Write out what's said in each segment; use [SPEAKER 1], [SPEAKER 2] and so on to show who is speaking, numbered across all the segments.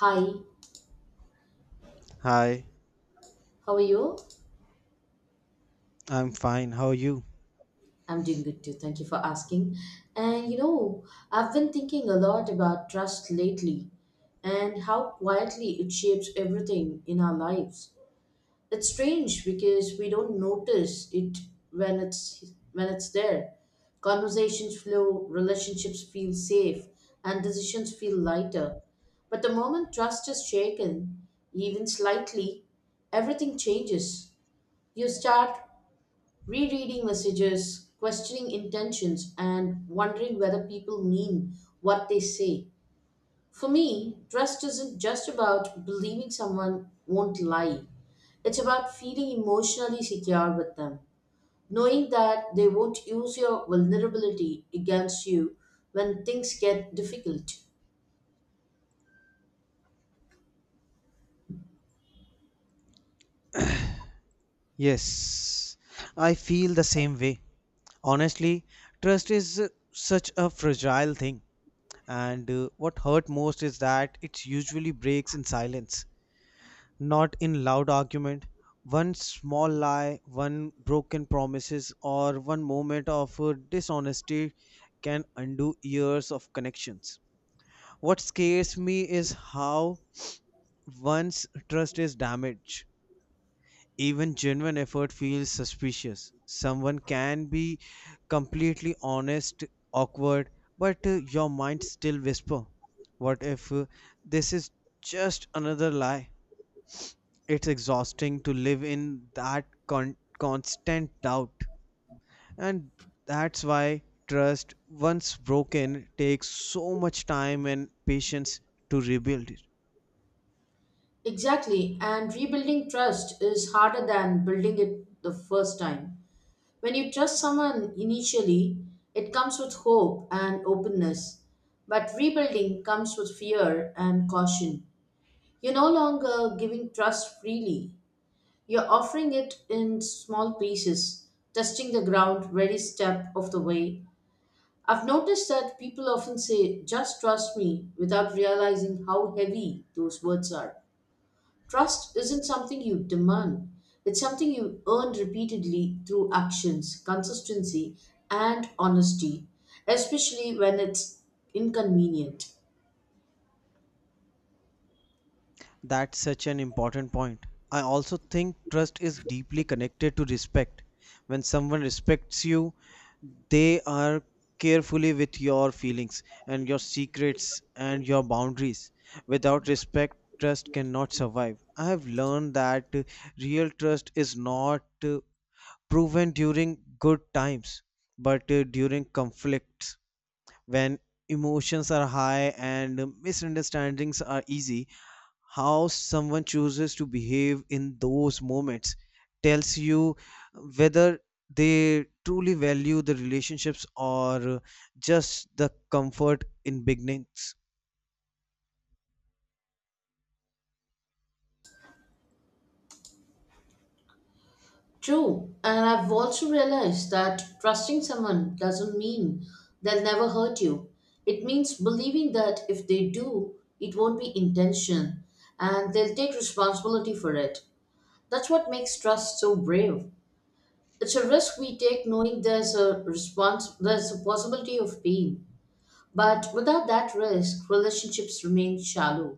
[SPEAKER 1] Hi,
[SPEAKER 2] Hi,
[SPEAKER 1] how are you?
[SPEAKER 2] I'm fine. How are you?
[SPEAKER 1] I'm doing good too. Thank you for asking. And I've been thinking a lot about trust lately and how quietly it shapes everything in our lives. It's strange because we don't notice it when it's there. Conversations flow, relationships feel safe, and decisions feel lighter. But the moment trust is shaken, even slightly, everything changes. You start rereading messages, questioning intentions, and wondering whether people mean what they say. For me, trust isn't just about believing someone won't lie, it's about feeling emotionally secure with them, knowing that they won't use your vulnerability against you when things get difficult.
[SPEAKER 2] Yes, I feel the same way. Honestly, trust is such a fragile thing, and what hurt most is that it usually breaks in silence, not in loud argument. One small lie, one broken promises, or one moment of dishonesty can undo years of connections. What scares me is how once trust is damaged even genuine effort feels suspicious. Someone can be completely honest, awkward, but your mind still whisper, what if this is just another lie? It's exhausting to live in that constant doubt. And that's why trust, once broken, takes so much time and patience to rebuild it.
[SPEAKER 1] Exactly, and rebuilding trust is harder than building it the first time. When you trust someone initially, it comes with hope and openness. But rebuilding comes with fear and caution. You're no longer giving trust freely. You're offering it in small pieces, testing the ground every step of the way. I've noticed that people often say, just trust me, without realizing how heavy those words are. Trust isn't something you demand, it's something you earn repeatedly through actions, consistency, and honesty, especially when it's inconvenient.
[SPEAKER 2] That's such an important point. I also think trust is deeply connected to respect. When someone respects you, they are carefully with your feelings and your secrets and your boundaries. Without respect, trust cannot survive. I have learned that real trust is not proven during good times, but during conflicts when emotions are high and misunderstandings are easy, how someone chooses to behave in those moments tells you whether they truly value the relationships or just the comfort in beginnings.
[SPEAKER 1] True, and I've also realized that trusting someone doesn't mean they'll never hurt you. It means believing that if they do, it won't be intention and they'll take responsibility for it. That's what makes trust so brave. It's a risk we take knowing there's a response, there's a possibility of pain, but without that risk relationships remain shallow.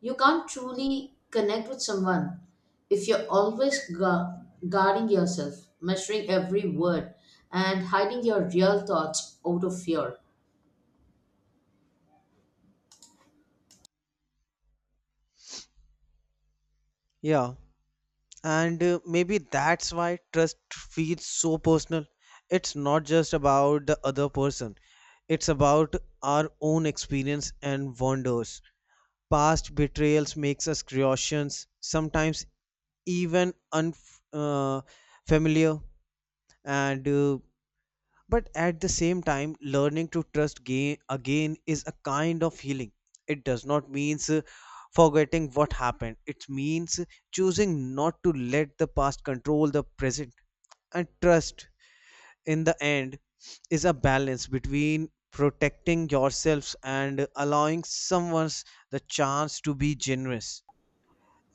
[SPEAKER 1] You can't truly connect with someone if you're always guarding yourself, measuring every word, and hiding your real thoughts out of fear.
[SPEAKER 2] Yeah, and maybe that's why trust feels so personal. It's not just about the other person, it's about our own experience and wonders. Past betrayals makes us curious, sometimes even unfamiliar, familiar. And but at the same time, learning to trust again is a kind of healing. It does not means forgetting what happened. It means choosing not to let the past control the present. And trust, in the end, is a balance between protecting yourselves and allowing someone the chance to be generous,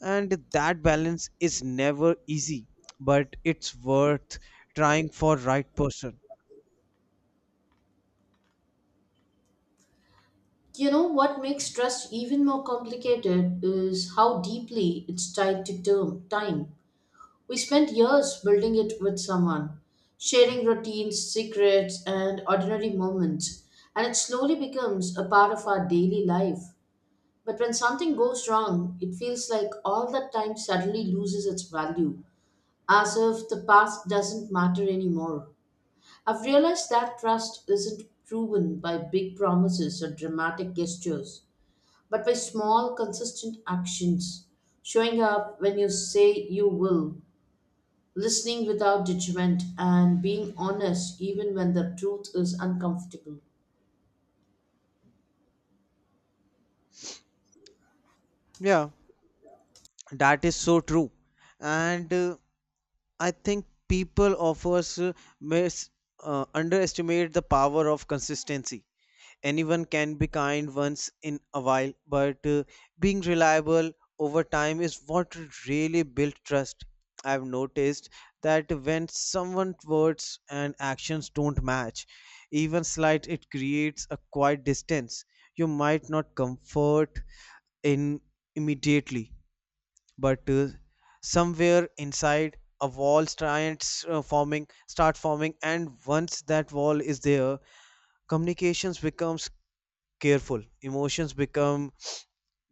[SPEAKER 2] and that balance is never easy, but it's worth trying for right person.
[SPEAKER 1] You know what makes trust even more complicated is how deeply it's tied to term time. We spent years building it with someone, sharing routines, secrets, and ordinary moments, and it slowly becomes a part of our daily life. But when something goes wrong, it feels like all that time suddenly loses its value, as if the past doesn't matter anymore. I've realized that trust isn't proven by big promises or dramatic gestures, but by small, consistent actions. Showing up when you say you will, listening without judgment, and being honest even when the truth is uncomfortable.
[SPEAKER 2] Yeah. That is so true, and I think people offers mis underestimate the power of consistency. Anyone can be kind once in a while, but being reliable over time is what really builds trust. I've noticed that when someone's words and actions don't match, even slight, it creates a quiet distance. You might not comfort in immediately, but somewhere inside a wall starts forming, and once that wall is there, communications becomes careful, emotions become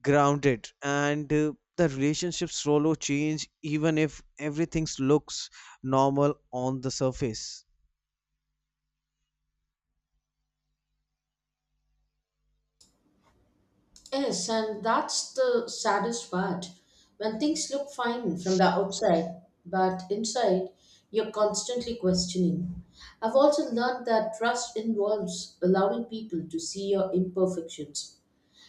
[SPEAKER 2] grounded, and the relationships slowly change even if everything looks normal on the surface.
[SPEAKER 1] Yes, and that's the saddest part. When things look fine from the outside, but inside, you're constantly questioning. I've also learned that trust involves allowing people to see your imperfections.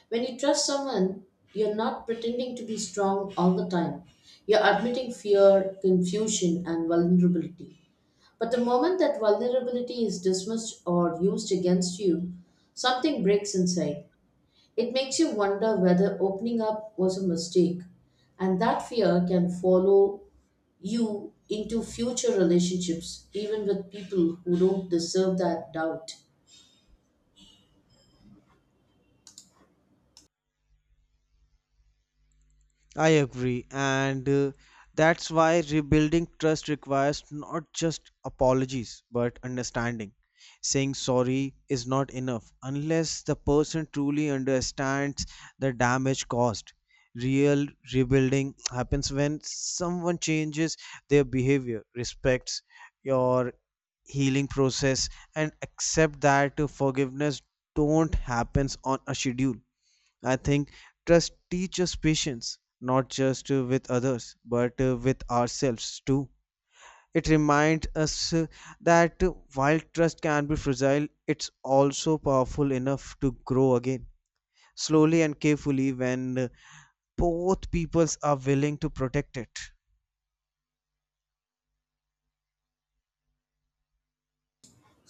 [SPEAKER 1] When you trust someone, you're not pretending to be strong all the time. You're admitting fear, confusion, and vulnerability. But the moment that vulnerability is dismissed or used against you, something breaks inside. It makes you wonder whether opening up was a mistake, and that fear can follow you into future relationships, even with people who don't deserve that doubt.
[SPEAKER 2] I agree, and that's why rebuilding trust requires not just apologies but understanding. Saying sorry is not enough unless the person truly understands the damage caused. Real rebuilding happens when someone changes their behavior, respects your healing process, and accept that forgiveness don't happens on a schedule. I think trust teaches patience, not just with others, but with ourselves too. It reminds us that while trust can be fragile, it's also powerful enough to grow again, slowly and carefully, when both peoples are willing to protect it.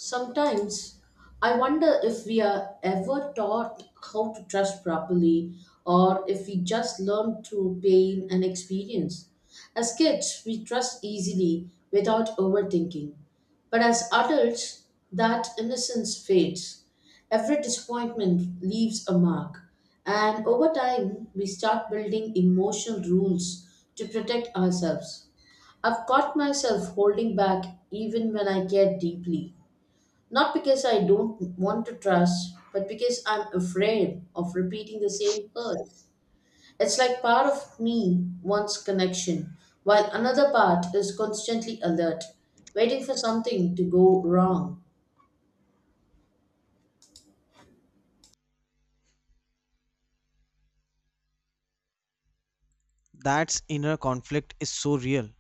[SPEAKER 1] Sometimes I wonder if we are ever taught how to trust properly, or if we just learn through pain and experience. As kids, we trust easily without overthinking, but as adults, that innocence fades. Every disappointment leaves a mark, and over time, we start building emotional rules to protect ourselves. I've caught myself holding back even when I care deeply. Not because I don't want to trust, but because I'm afraid of repeating the same hurt. It's like part of me wants connection, while another part is constantly alert, waiting for something to go wrong.
[SPEAKER 2] That inner conflict is so real.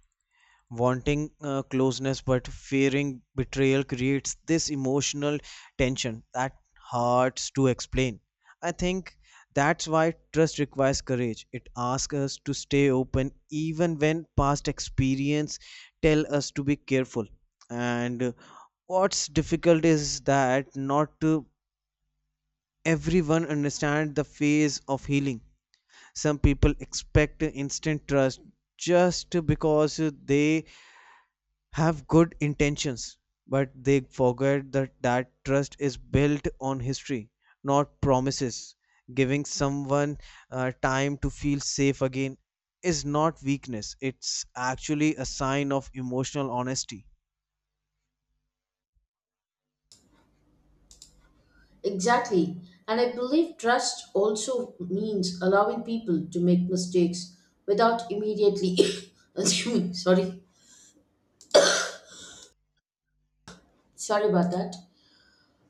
[SPEAKER 2] Wanting closeness but fearing betrayal creates this emotional tension that hard to explain. I think that's why trust requires courage. It asks us to stay open even when past experience tell us to be careful. And what's difficult is that not everyone understand the phase of healing. Some people expect instant trust just because they have good intentions, but they forget that that trust is built on history, not promises. Giving someone time to feel safe again is not weakness, it's actually a sign of emotional honesty.
[SPEAKER 1] Exactly. And I believe trust also means allowing people to make mistakes without immediately. assuming. Sorry. Sorry about that.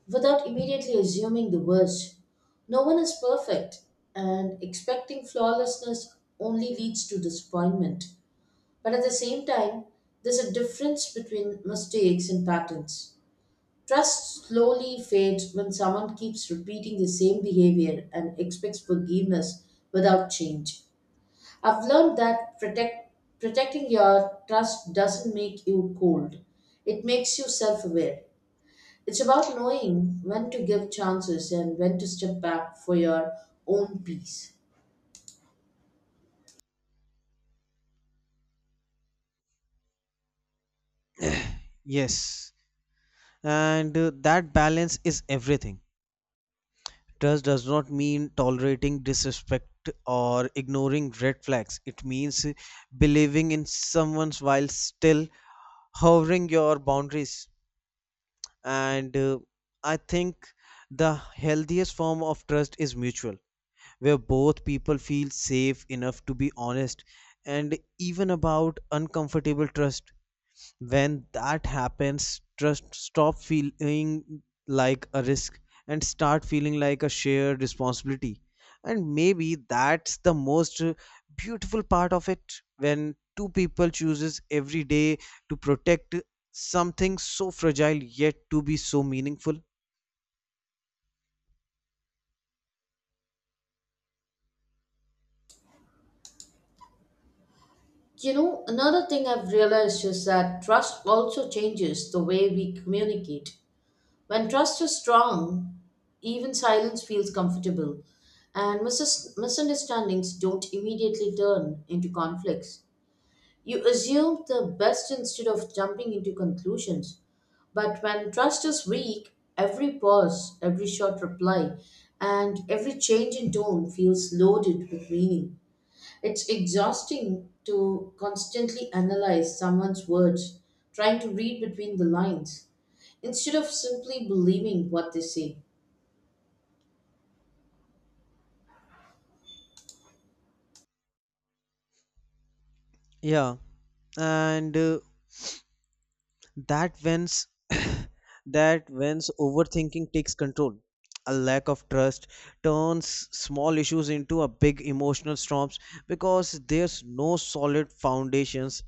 [SPEAKER 1] Without immediately assuming the worst. No one is perfect, and expecting flawlessness only leads to disappointment. But at the same time, there's a difference between mistakes and patterns. Trust slowly fades when someone keeps repeating the same behavior and expects forgiveness without change. I've learned that protecting your trust doesn't make you cold, it makes you self aware. It's about knowing when to give chances and when to step back for your own peace.
[SPEAKER 2] Yes, and that balance is everything. Trust does not mean tolerating disrespect or ignoring red flags. It means believing in someone while still hovering your boundaries. And I think the healthiest form of trust is mutual, where both people feel safe enough to be honest and even about uncomfortable trust. When that happens, trust stop feeling like a risk and start feeling like a shared responsibility. And maybe that's the most beautiful part of it, when two people chooses every day to protect something so fragile yet to be so meaningful.
[SPEAKER 1] Another thing I've realized is that trust also changes the way we communicate. When trust is strong, even silence feels comfortable, and misunderstandings don't immediately turn into conflicts. You assume the best instead of jumping into conclusions. But when trust is weak, every pause, every short reply, and every change in tone feels loaded with meaning. It's exhausting to constantly analyze someone's words, trying to read between the lines, instead of simply believing what they say.
[SPEAKER 2] Yeah, and that when's that when's overthinking takes control. A lack of trust turns small issues into a big emotional storms, because there's no solid foundations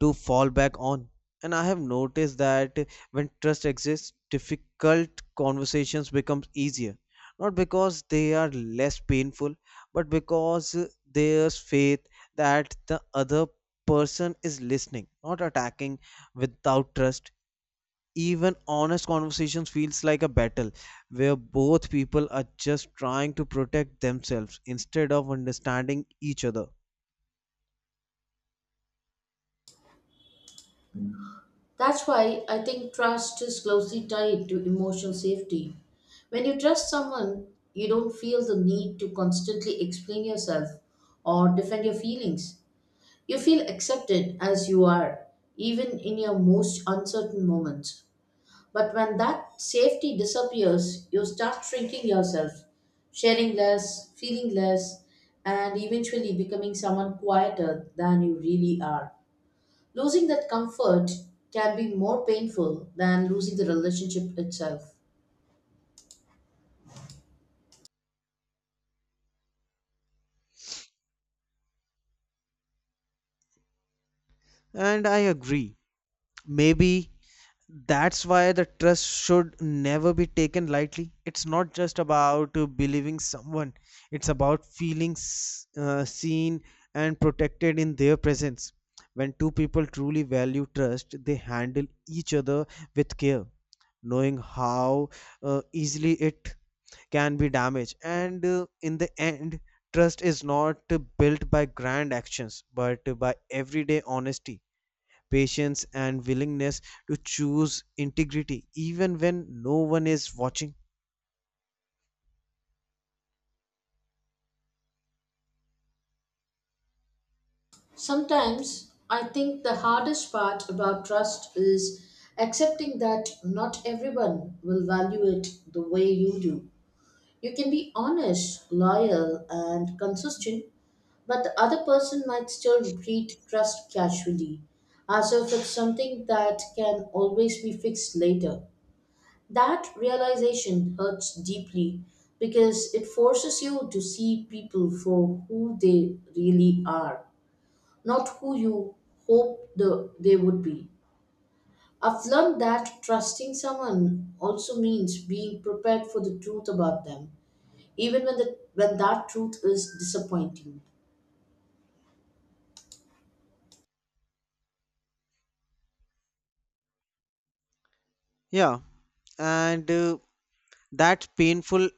[SPEAKER 2] to fall back on. And I have noticed that when trust exists, difficult conversations become easier, not because they are less painful, but because there's faith that the other person is listening, not attacking. Without trust, even honest conversations feels like a battle where both people are just trying to protect themselves instead of understanding each other.
[SPEAKER 1] That's why I think trust is closely tied to emotional safety. When you trust someone, you don't feel the need to constantly explain yourself or defend your feelings. You feel accepted as you are, even in your most uncertain moments. But when that safety disappears, you start shrinking yourself, sharing less, feeling less, and eventually becoming someone quieter than you really are. Losing that comfort can be more painful than losing the relationship itself.
[SPEAKER 2] And I agree. Maybe that's why the trust should never be taken lightly. It's not just about believing someone, it's about feeling seen and protected in their presence. When two people truly value trust, they handle each other with care, knowing how easily it can be damaged. And in the end, trust is not built by grand actions, but by everyday honesty, patience, and willingness to choose integrity even when no one is watching.
[SPEAKER 1] Sometimes I think the hardest part about trust is accepting that not everyone will value it the way you do. You can be honest, loyal, and consistent, but the other person might still treat trust casually, as if it's something that can always be fixed later. That realization hurts deeply because it forces you to see people for who they really are, not who you they would be. I've learned that trusting someone also means being prepared for the truth about them, even when that truth is disappointing.
[SPEAKER 2] Yeah, and that's painful,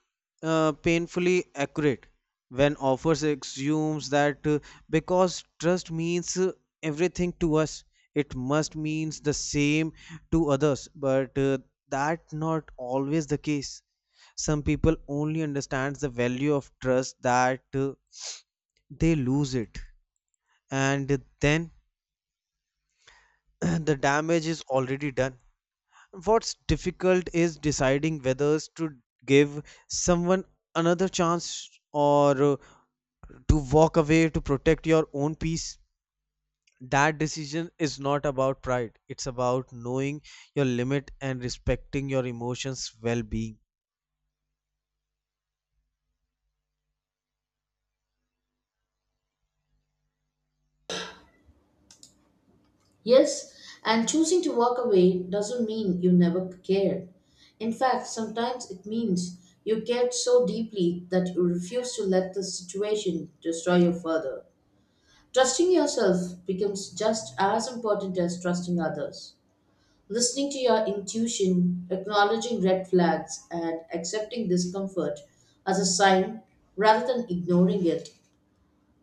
[SPEAKER 2] painfully accurate. When offers assumes that because trust means everything to us, it must means the same to others, but that's not always the case. Some people only understands the value of trust that they lose it, and then the damage is already done. What's difficult is deciding whether to give someone another chance or to walk away to protect your own peace. That decision is not about pride, it's about knowing your limit and respecting your emotions' well being.
[SPEAKER 1] Yes, and choosing to walk away doesn't mean you never cared. In fact, sometimes it means you cared so deeply that you refuse to let the situation destroy you further. Trusting yourself becomes just as important as trusting others. Listening to your intuition, acknowledging red flags, and accepting discomfort as a sign rather than ignoring it.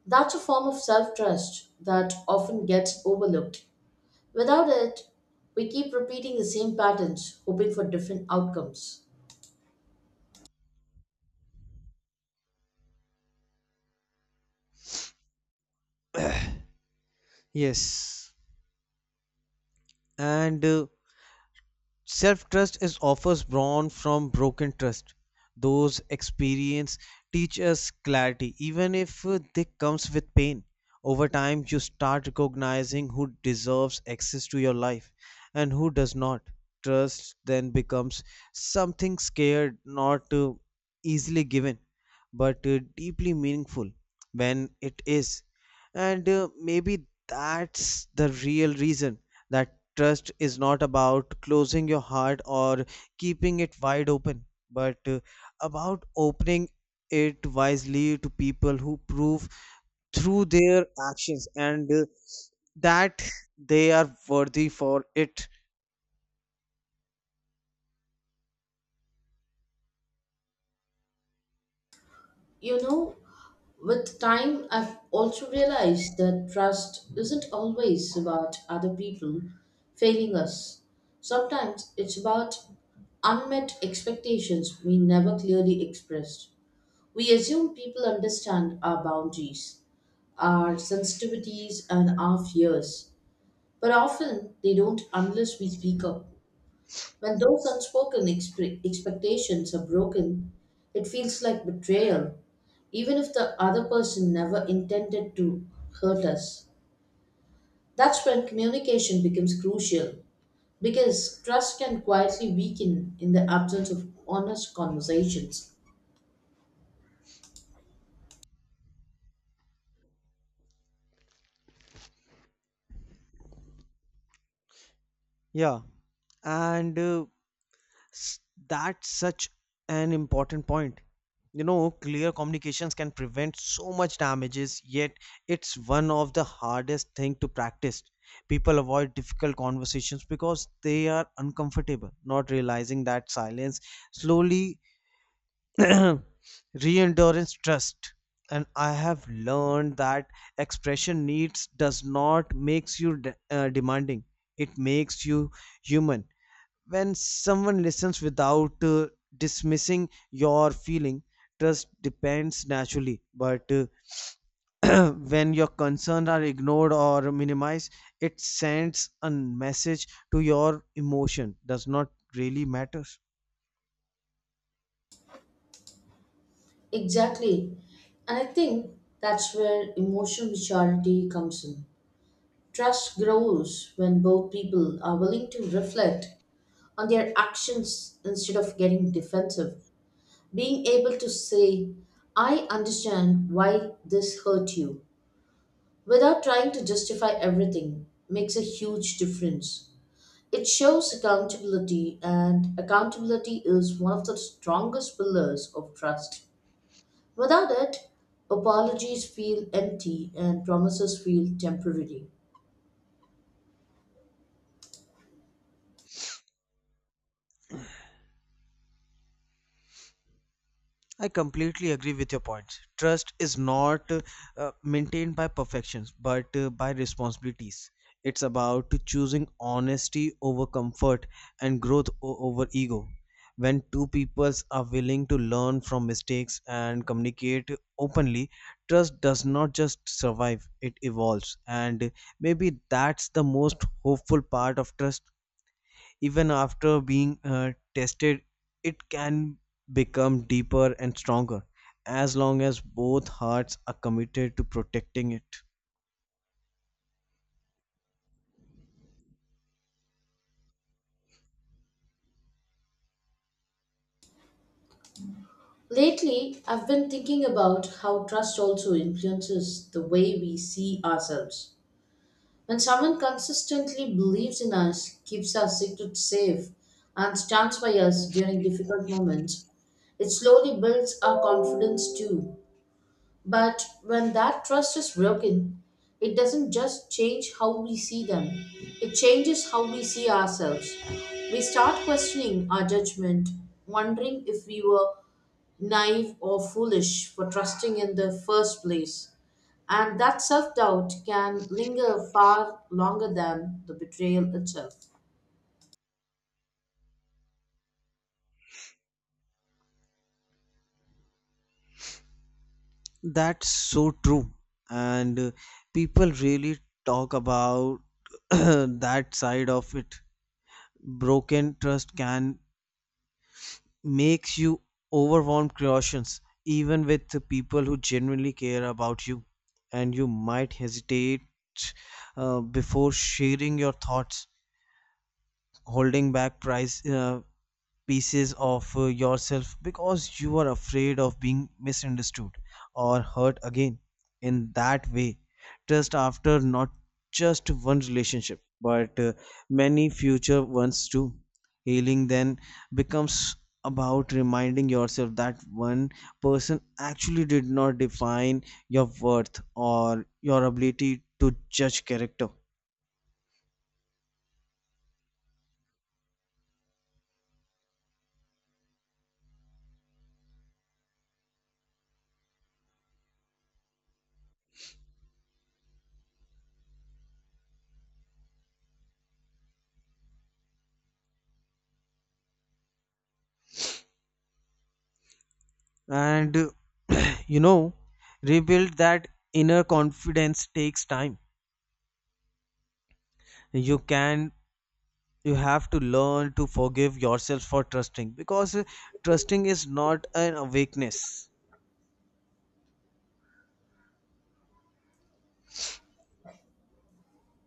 [SPEAKER 1] That's a form of self trust that often gets overlooked. Without it, we keep repeating the same patterns, hoping for different outcomes.
[SPEAKER 2] Yes, and self trust is offers born from broken trust. Those experience teach us clarity, even if they comes with pain. Over time, you start recognizing who deserves access to your life and who does not. Trust then becomes something scared, not easily given, but deeply meaningful when it is. And maybe that's the real reason that trust is not about closing your heart or keeping it wide open, but about opening it wisely to people who prove through their actions and that they are worthy for it.
[SPEAKER 1] You know, with time, I've also realized that trust isn't always about other people failing us. Sometimes it's about unmet expectations we never clearly expressed. We assume people understand our boundaries, our sensitivities, and our fears, but often they don't unless we speak up. When those unspoken expectations are broken, it feels like betrayal, even if the other person never intended to hurt us. That's when communication becomes crucial because trust can quietly weaken in the absence of honest conversations.
[SPEAKER 2] Yeah. And S- that's such an important point. You know, clear communications can prevent so much damages, yet it's one of the hardest thing to practice. People avoid difficult conversations because they are uncomfortable, not realizing that silence slowly reendurance trust. And I have learned that expression needs does not makes you demanding. It makes you human. When someone listens without dismissing your feeling, trust depends naturally, but when your concerns are ignored or minimized, it sends a message to your emotion does not really matter.
[SPEAKER 1] Exactly. And I think that's where emotional maturity comes in. Trust grows when both people are willing to reflect on their actions instead of getting defensive. Being able to say, I understand why this hurt you, without trying to justify everything, makes a huge difference. It shows accountability, and accountability is one of the strongest pillars of trust. Without it, apologies feel empty and promises feel temporary.
[SPEAKER 2] I completely agree with your points. Trust is not maintained by perfections, but by responsibilities. It's about choosing honesty over comfort and growth over ego. When two peoples are willing to learn from mistakes and communicate openly, trust does not just survive, it evolves. And maybe that's the most hopeful part of trust. Even after being tested, it can become deeper and stronger as long as both hearts are committed to protecting it.
[SPEAKER 1] Lately, I've been thinking about how trust also influences the way we see ourselves. When someone consistently believes in us, keeps our secrets safe, and stands by us during difficult moments, it slowly builds our confidence too. But when that trust is broken, it doesn't just change how we see them, it changes how we see ourselves. We start questioning our judgment, wondering if we were naive or foolish for trusting in the first place. And that self doubt can linger far longer than the betrayal itself.
[SPEAKER 2] That's so true, and people really talk about that side of it. Broken trust can makes you overwhelmed cautions even with the people who genuinely care about you, and you might hesitate before sharing your thoughts, holding back price pieces of yourself because you are afraid of being misunderstood or hurt again. In that way, trust after not just one relationship but many future ones too. Healing then becomes about reminding yourself that one person actually did not define your worth or your ability to judge character. And you know rebuild that inner confidence takes time. you can you have to learn to forgive yourself for trusting, because trusting is not an awakeness.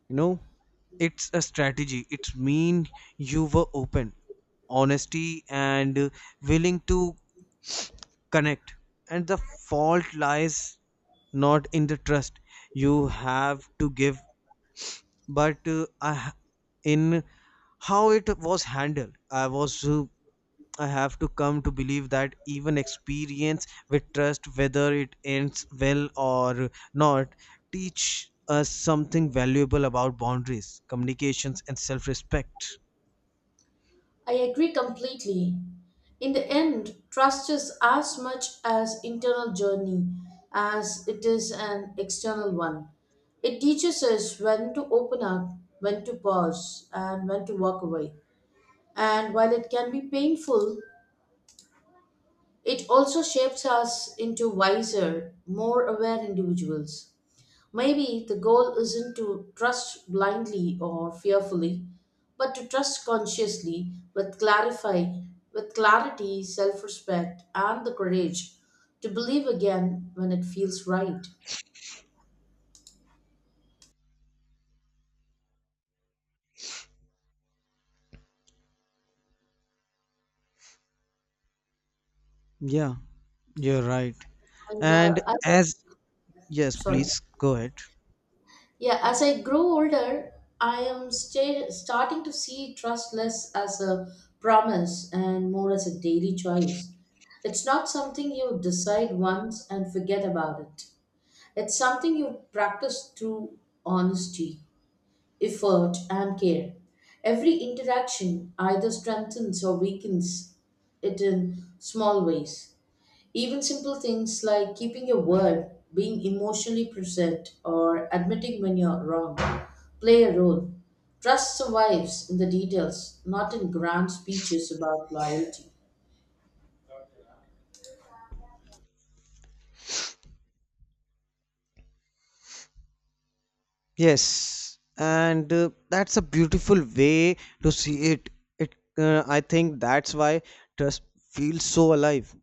[SPEAKER 2] you know it's a strategy. It's mean you were open, honesty, and willing to connect. And the fault lies not in the trust you have to give, but in how it was handled. I have to come to believe that even experience with trust, whether it ends well or not, teach us something valuable about boundaries, communications, and self-respect.
[SPEAKER 1] I agree completely. In the end, trust is as much as internal journey as it is an external one. It teaches us when to open up, when to pause, and when to walk away. And while it can be painful, it also shapes us into wiser, more aware individuals. Maybe the goal isn't to trust blindly or fearfully, but to trust consciously, with clarify with clarity, self-respect, and the courage to believe again when it feels right.
[SPEAKER 2] Yeah, you're right.
[SPEAKER 1] And
[SPEAKER 2] and
[SPEAKER 1] I
[SPEAKER 2] as Yes,
[SPEAKER 1] Sorry.
[SPEAKER 2] please go ahead.
[SPEAKER 1] Yeah, as I grow older, I am starting to see trust less as a promise and more as a daily choice. It's not something you decide once and forget about it. It's something you practice through honesty, effort, and care. Every interaction either strengthens or weakens it in small ways. Even simple things like keeping your word, being emotionally present, or admitting when you're wrong play a role. Trust survives in the details, not in grand speeches about loyalty.
[SPEAKER 2] Yes, and that's a beautiful way to see it. I think that's why trust feels so alive.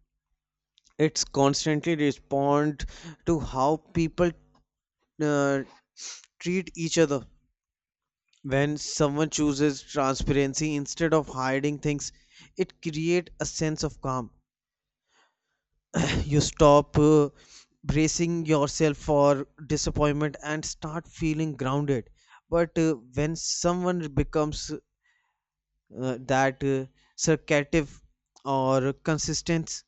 [SPEAKER 2] It's constantly respond to how people uh, treat each other. When someone chooses transparency instead of hiding things, it creates a sense of calm. You stop bracing yourself for disappointment and start feeling grounded. But when someone becomes that circative or consistence,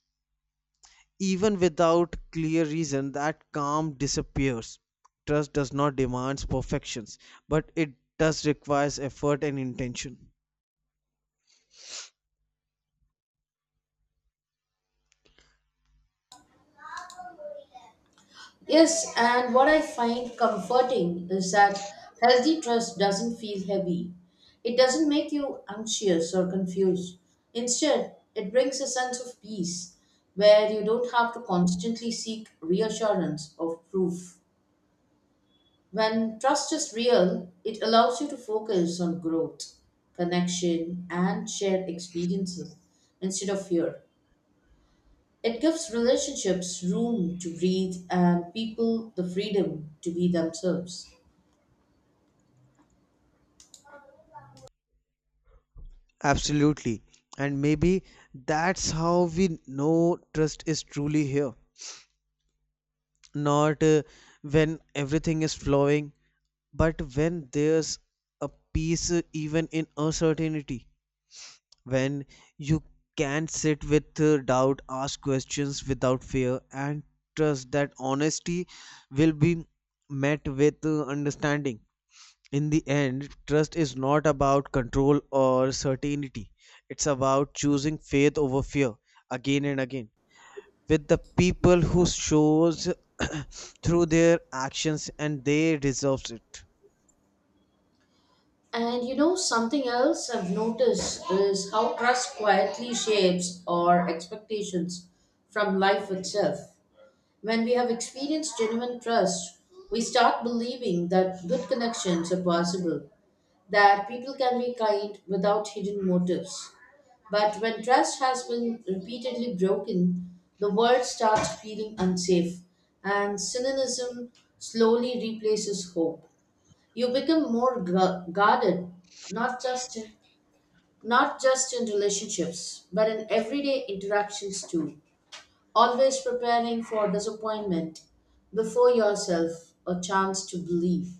[SPEAKER 2] even without clear reason, that calm disappears. Trust does not demand perfections, but it does requires effort and intention.
[SPEAKER 1] Yes, and what I find comforting is that healthy trust doesn't feel heavy. It doesn't make you anxious or confused. Instead, it brings a sense of peace where you don't have to constantly seek reassurance or proof. When trust is real, it allows you to focus on growth, connection, and shared experiences instead of fear. It gives relationships room to breathe and people the freedom to be themselves.
[SPEAKER 2] Absolutely, and maybe that's how we know trust is truly here, not when everything is flowing, but when there's a peace even in uncertainty, when you can sit with doubt, ask questions without fear, and trust that honesty will be met with understanding. In the end, trust is not about control or certainty, it's about choosing faith over fear again and again with the people who shows through their actions and they deserves it.
[SPEAKER 1] And something else I've noticed is how trust quietly shapes our expectations from life itself. When we have experienced genuine trust, we start believing that good connections are possible, that people can be kind without hidden motives. But when trust has been repeatedly broken, the world starts feeling unsafe, and cynicism slowly replaces hope. You become more guarded, not just in, not just in relationships, but in everyday interactions too. Always preparing for disappointment before yourself a chance to believe.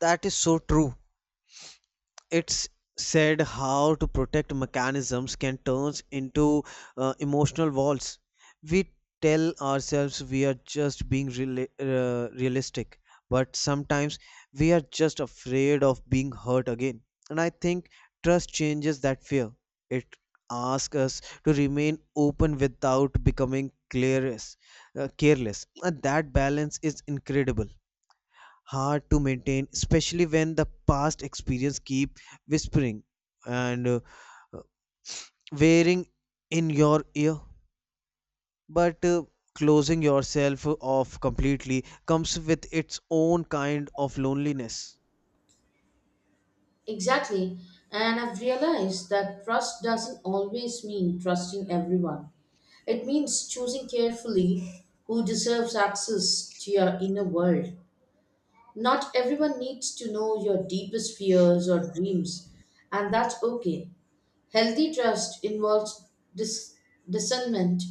[SPEAKER 2] That is so true. It's said how to protect mechanisms can turn into emotional walls. We tell ourselves we are just being realistic, but sometimes we are just afraid of being hurt again. And I think trust changes that fear. It asks us to remain open without becoming careless. And that balance is incredible hard to maintain, especially when the past experience keep whispering and wearing in your ear. But closing yourself off completely comes with its own kind of loneliness.
[SPEAKER 1] Exactly. And I've realized that trust doesn't always mean trusting everyone. It means choosing carefully who deserves access to your inner world. Not everyone needs to know your deepest fears or dreams, and that's okay. Healthy trust involves discernment,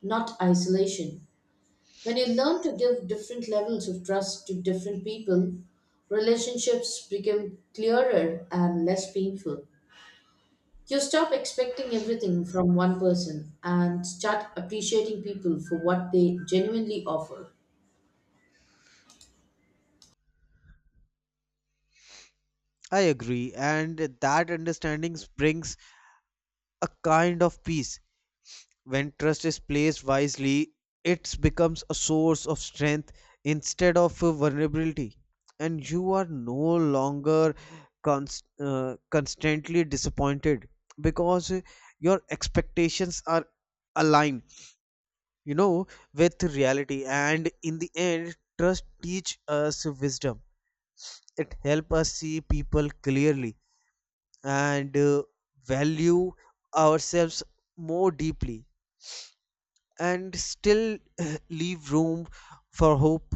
[SPEAKER 1] not isolation. When you learn to give different levels of trust to different people, relationships become clearer and less painful. You stop expecting everything from one person and start appreciating people for what they genuinely offer.
[SPEAKER 2] I agree, and that understanding brings a kind of peace. When trust is placed wisely, it becomes a source of strength instead of a vulnerability, and you are no longer constantly disappointed because your expectations are aligned, you know, with reality. And in the end, trust teach us wisdom. It help us see people clearly and value ourselves more deeply and still leave room for hope.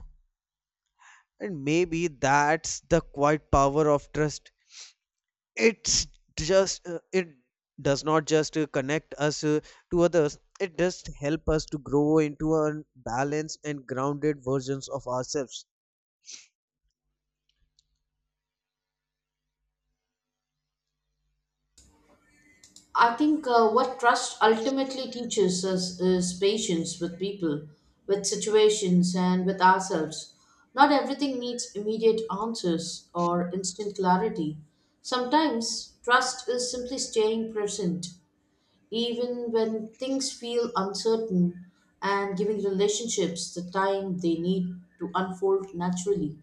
[SPEAKER 2] And maybe that's the quiet power of trust. It's it does not just connect us to others, it just help us to grow into a balanced and grounded versions of ourselves.
[SPEAKER 1] I think what trust ultimately teaches us is patience with people, with situations, and with ourselves. Not everything needs immediate answers or instant clarity. Sometimes trust is simply staying present even when things feel uncertain and giving relationships the time they need to unfold naturally.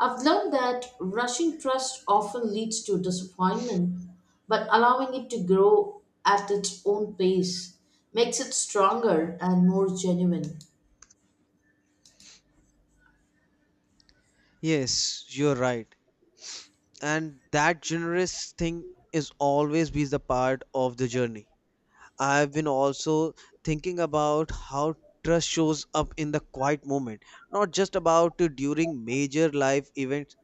[SPEAKER 1] I've learned that rushing trust often leads to disappointment, but allowing it to grow at its own pace makes it stronger and more genuine.
[SPEAKER 2] Yes, you're right. And that generous thing is always be the part of the journey. I've been also thinking about how trust shows up in the quiet moment, not just about during major life events.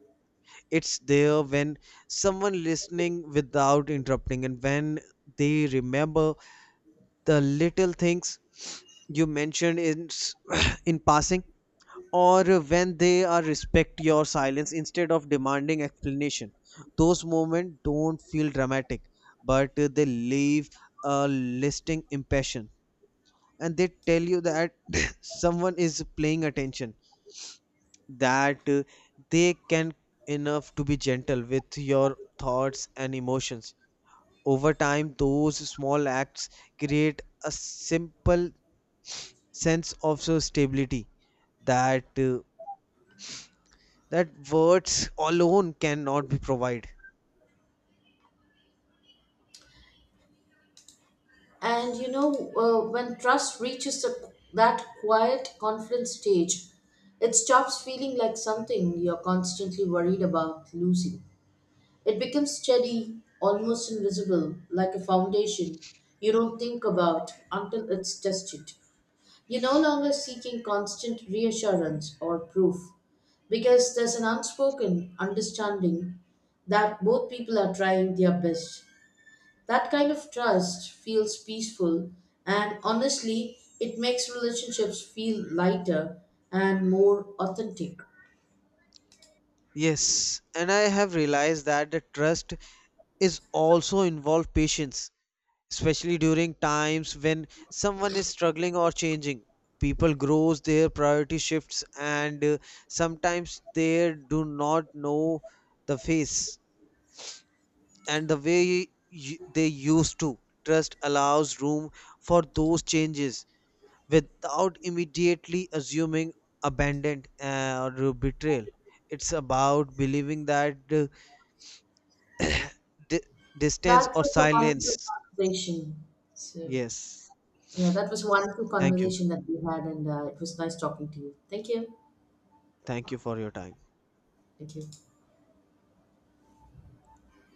[SPEAKER 2] It's there when someone listening without interrupting, and when they remember the little things you mentioned in passing, or when they are respect your silence instead of demanding explanation. Those moments don't feel dramatic, but they leave a lasting impression, and they tell you that someone is paying attention, that they can enough to be gentle with your thoughts and emotions. Over time, those small acts create a simple sense of so stability that that words alone cannot be provided.
[SPEAKER 1] And when trust that quiet confidence stage, it stops feeling like something you're constantly worried about losing. It becomes steady, almost invisible, like a foundation you don't think about until it's tested. You're no longer seeking constant reassurance or proof because there's an unspoken understanding that both people are trying their best. That kind of trust feels peaceful, and honestly, it makes relationships feel lighter and more authentic.
[SPEAKER 2] Yes, and I have realized that the trust is also involve patience, especially during times when someone is struggling or changing. People grows, their priority shifts, and sometimes they do not know the face and the way they used to. Trust allows room for those changes without immediately assuming abandon or betrayal. It's about believing that di- distance
[SPEAKER 1] That
[SPEAKER 2] or
[SPEAKER 1] was a
[SPEAKER 2] silence.
[SPEAKER 1] wonderful conversation. So.
[SPEAKER 2] Yes.
[SPEAKER 1] Yeah, that was a wonderful
[SPEAKER 2] Thank you.
[SPEAKER 1] conversation that we had, and it was nice talking to you. Thank you.
[SPEAKER 2] Thank you for your time.
[SPEAKER 1] Thank you.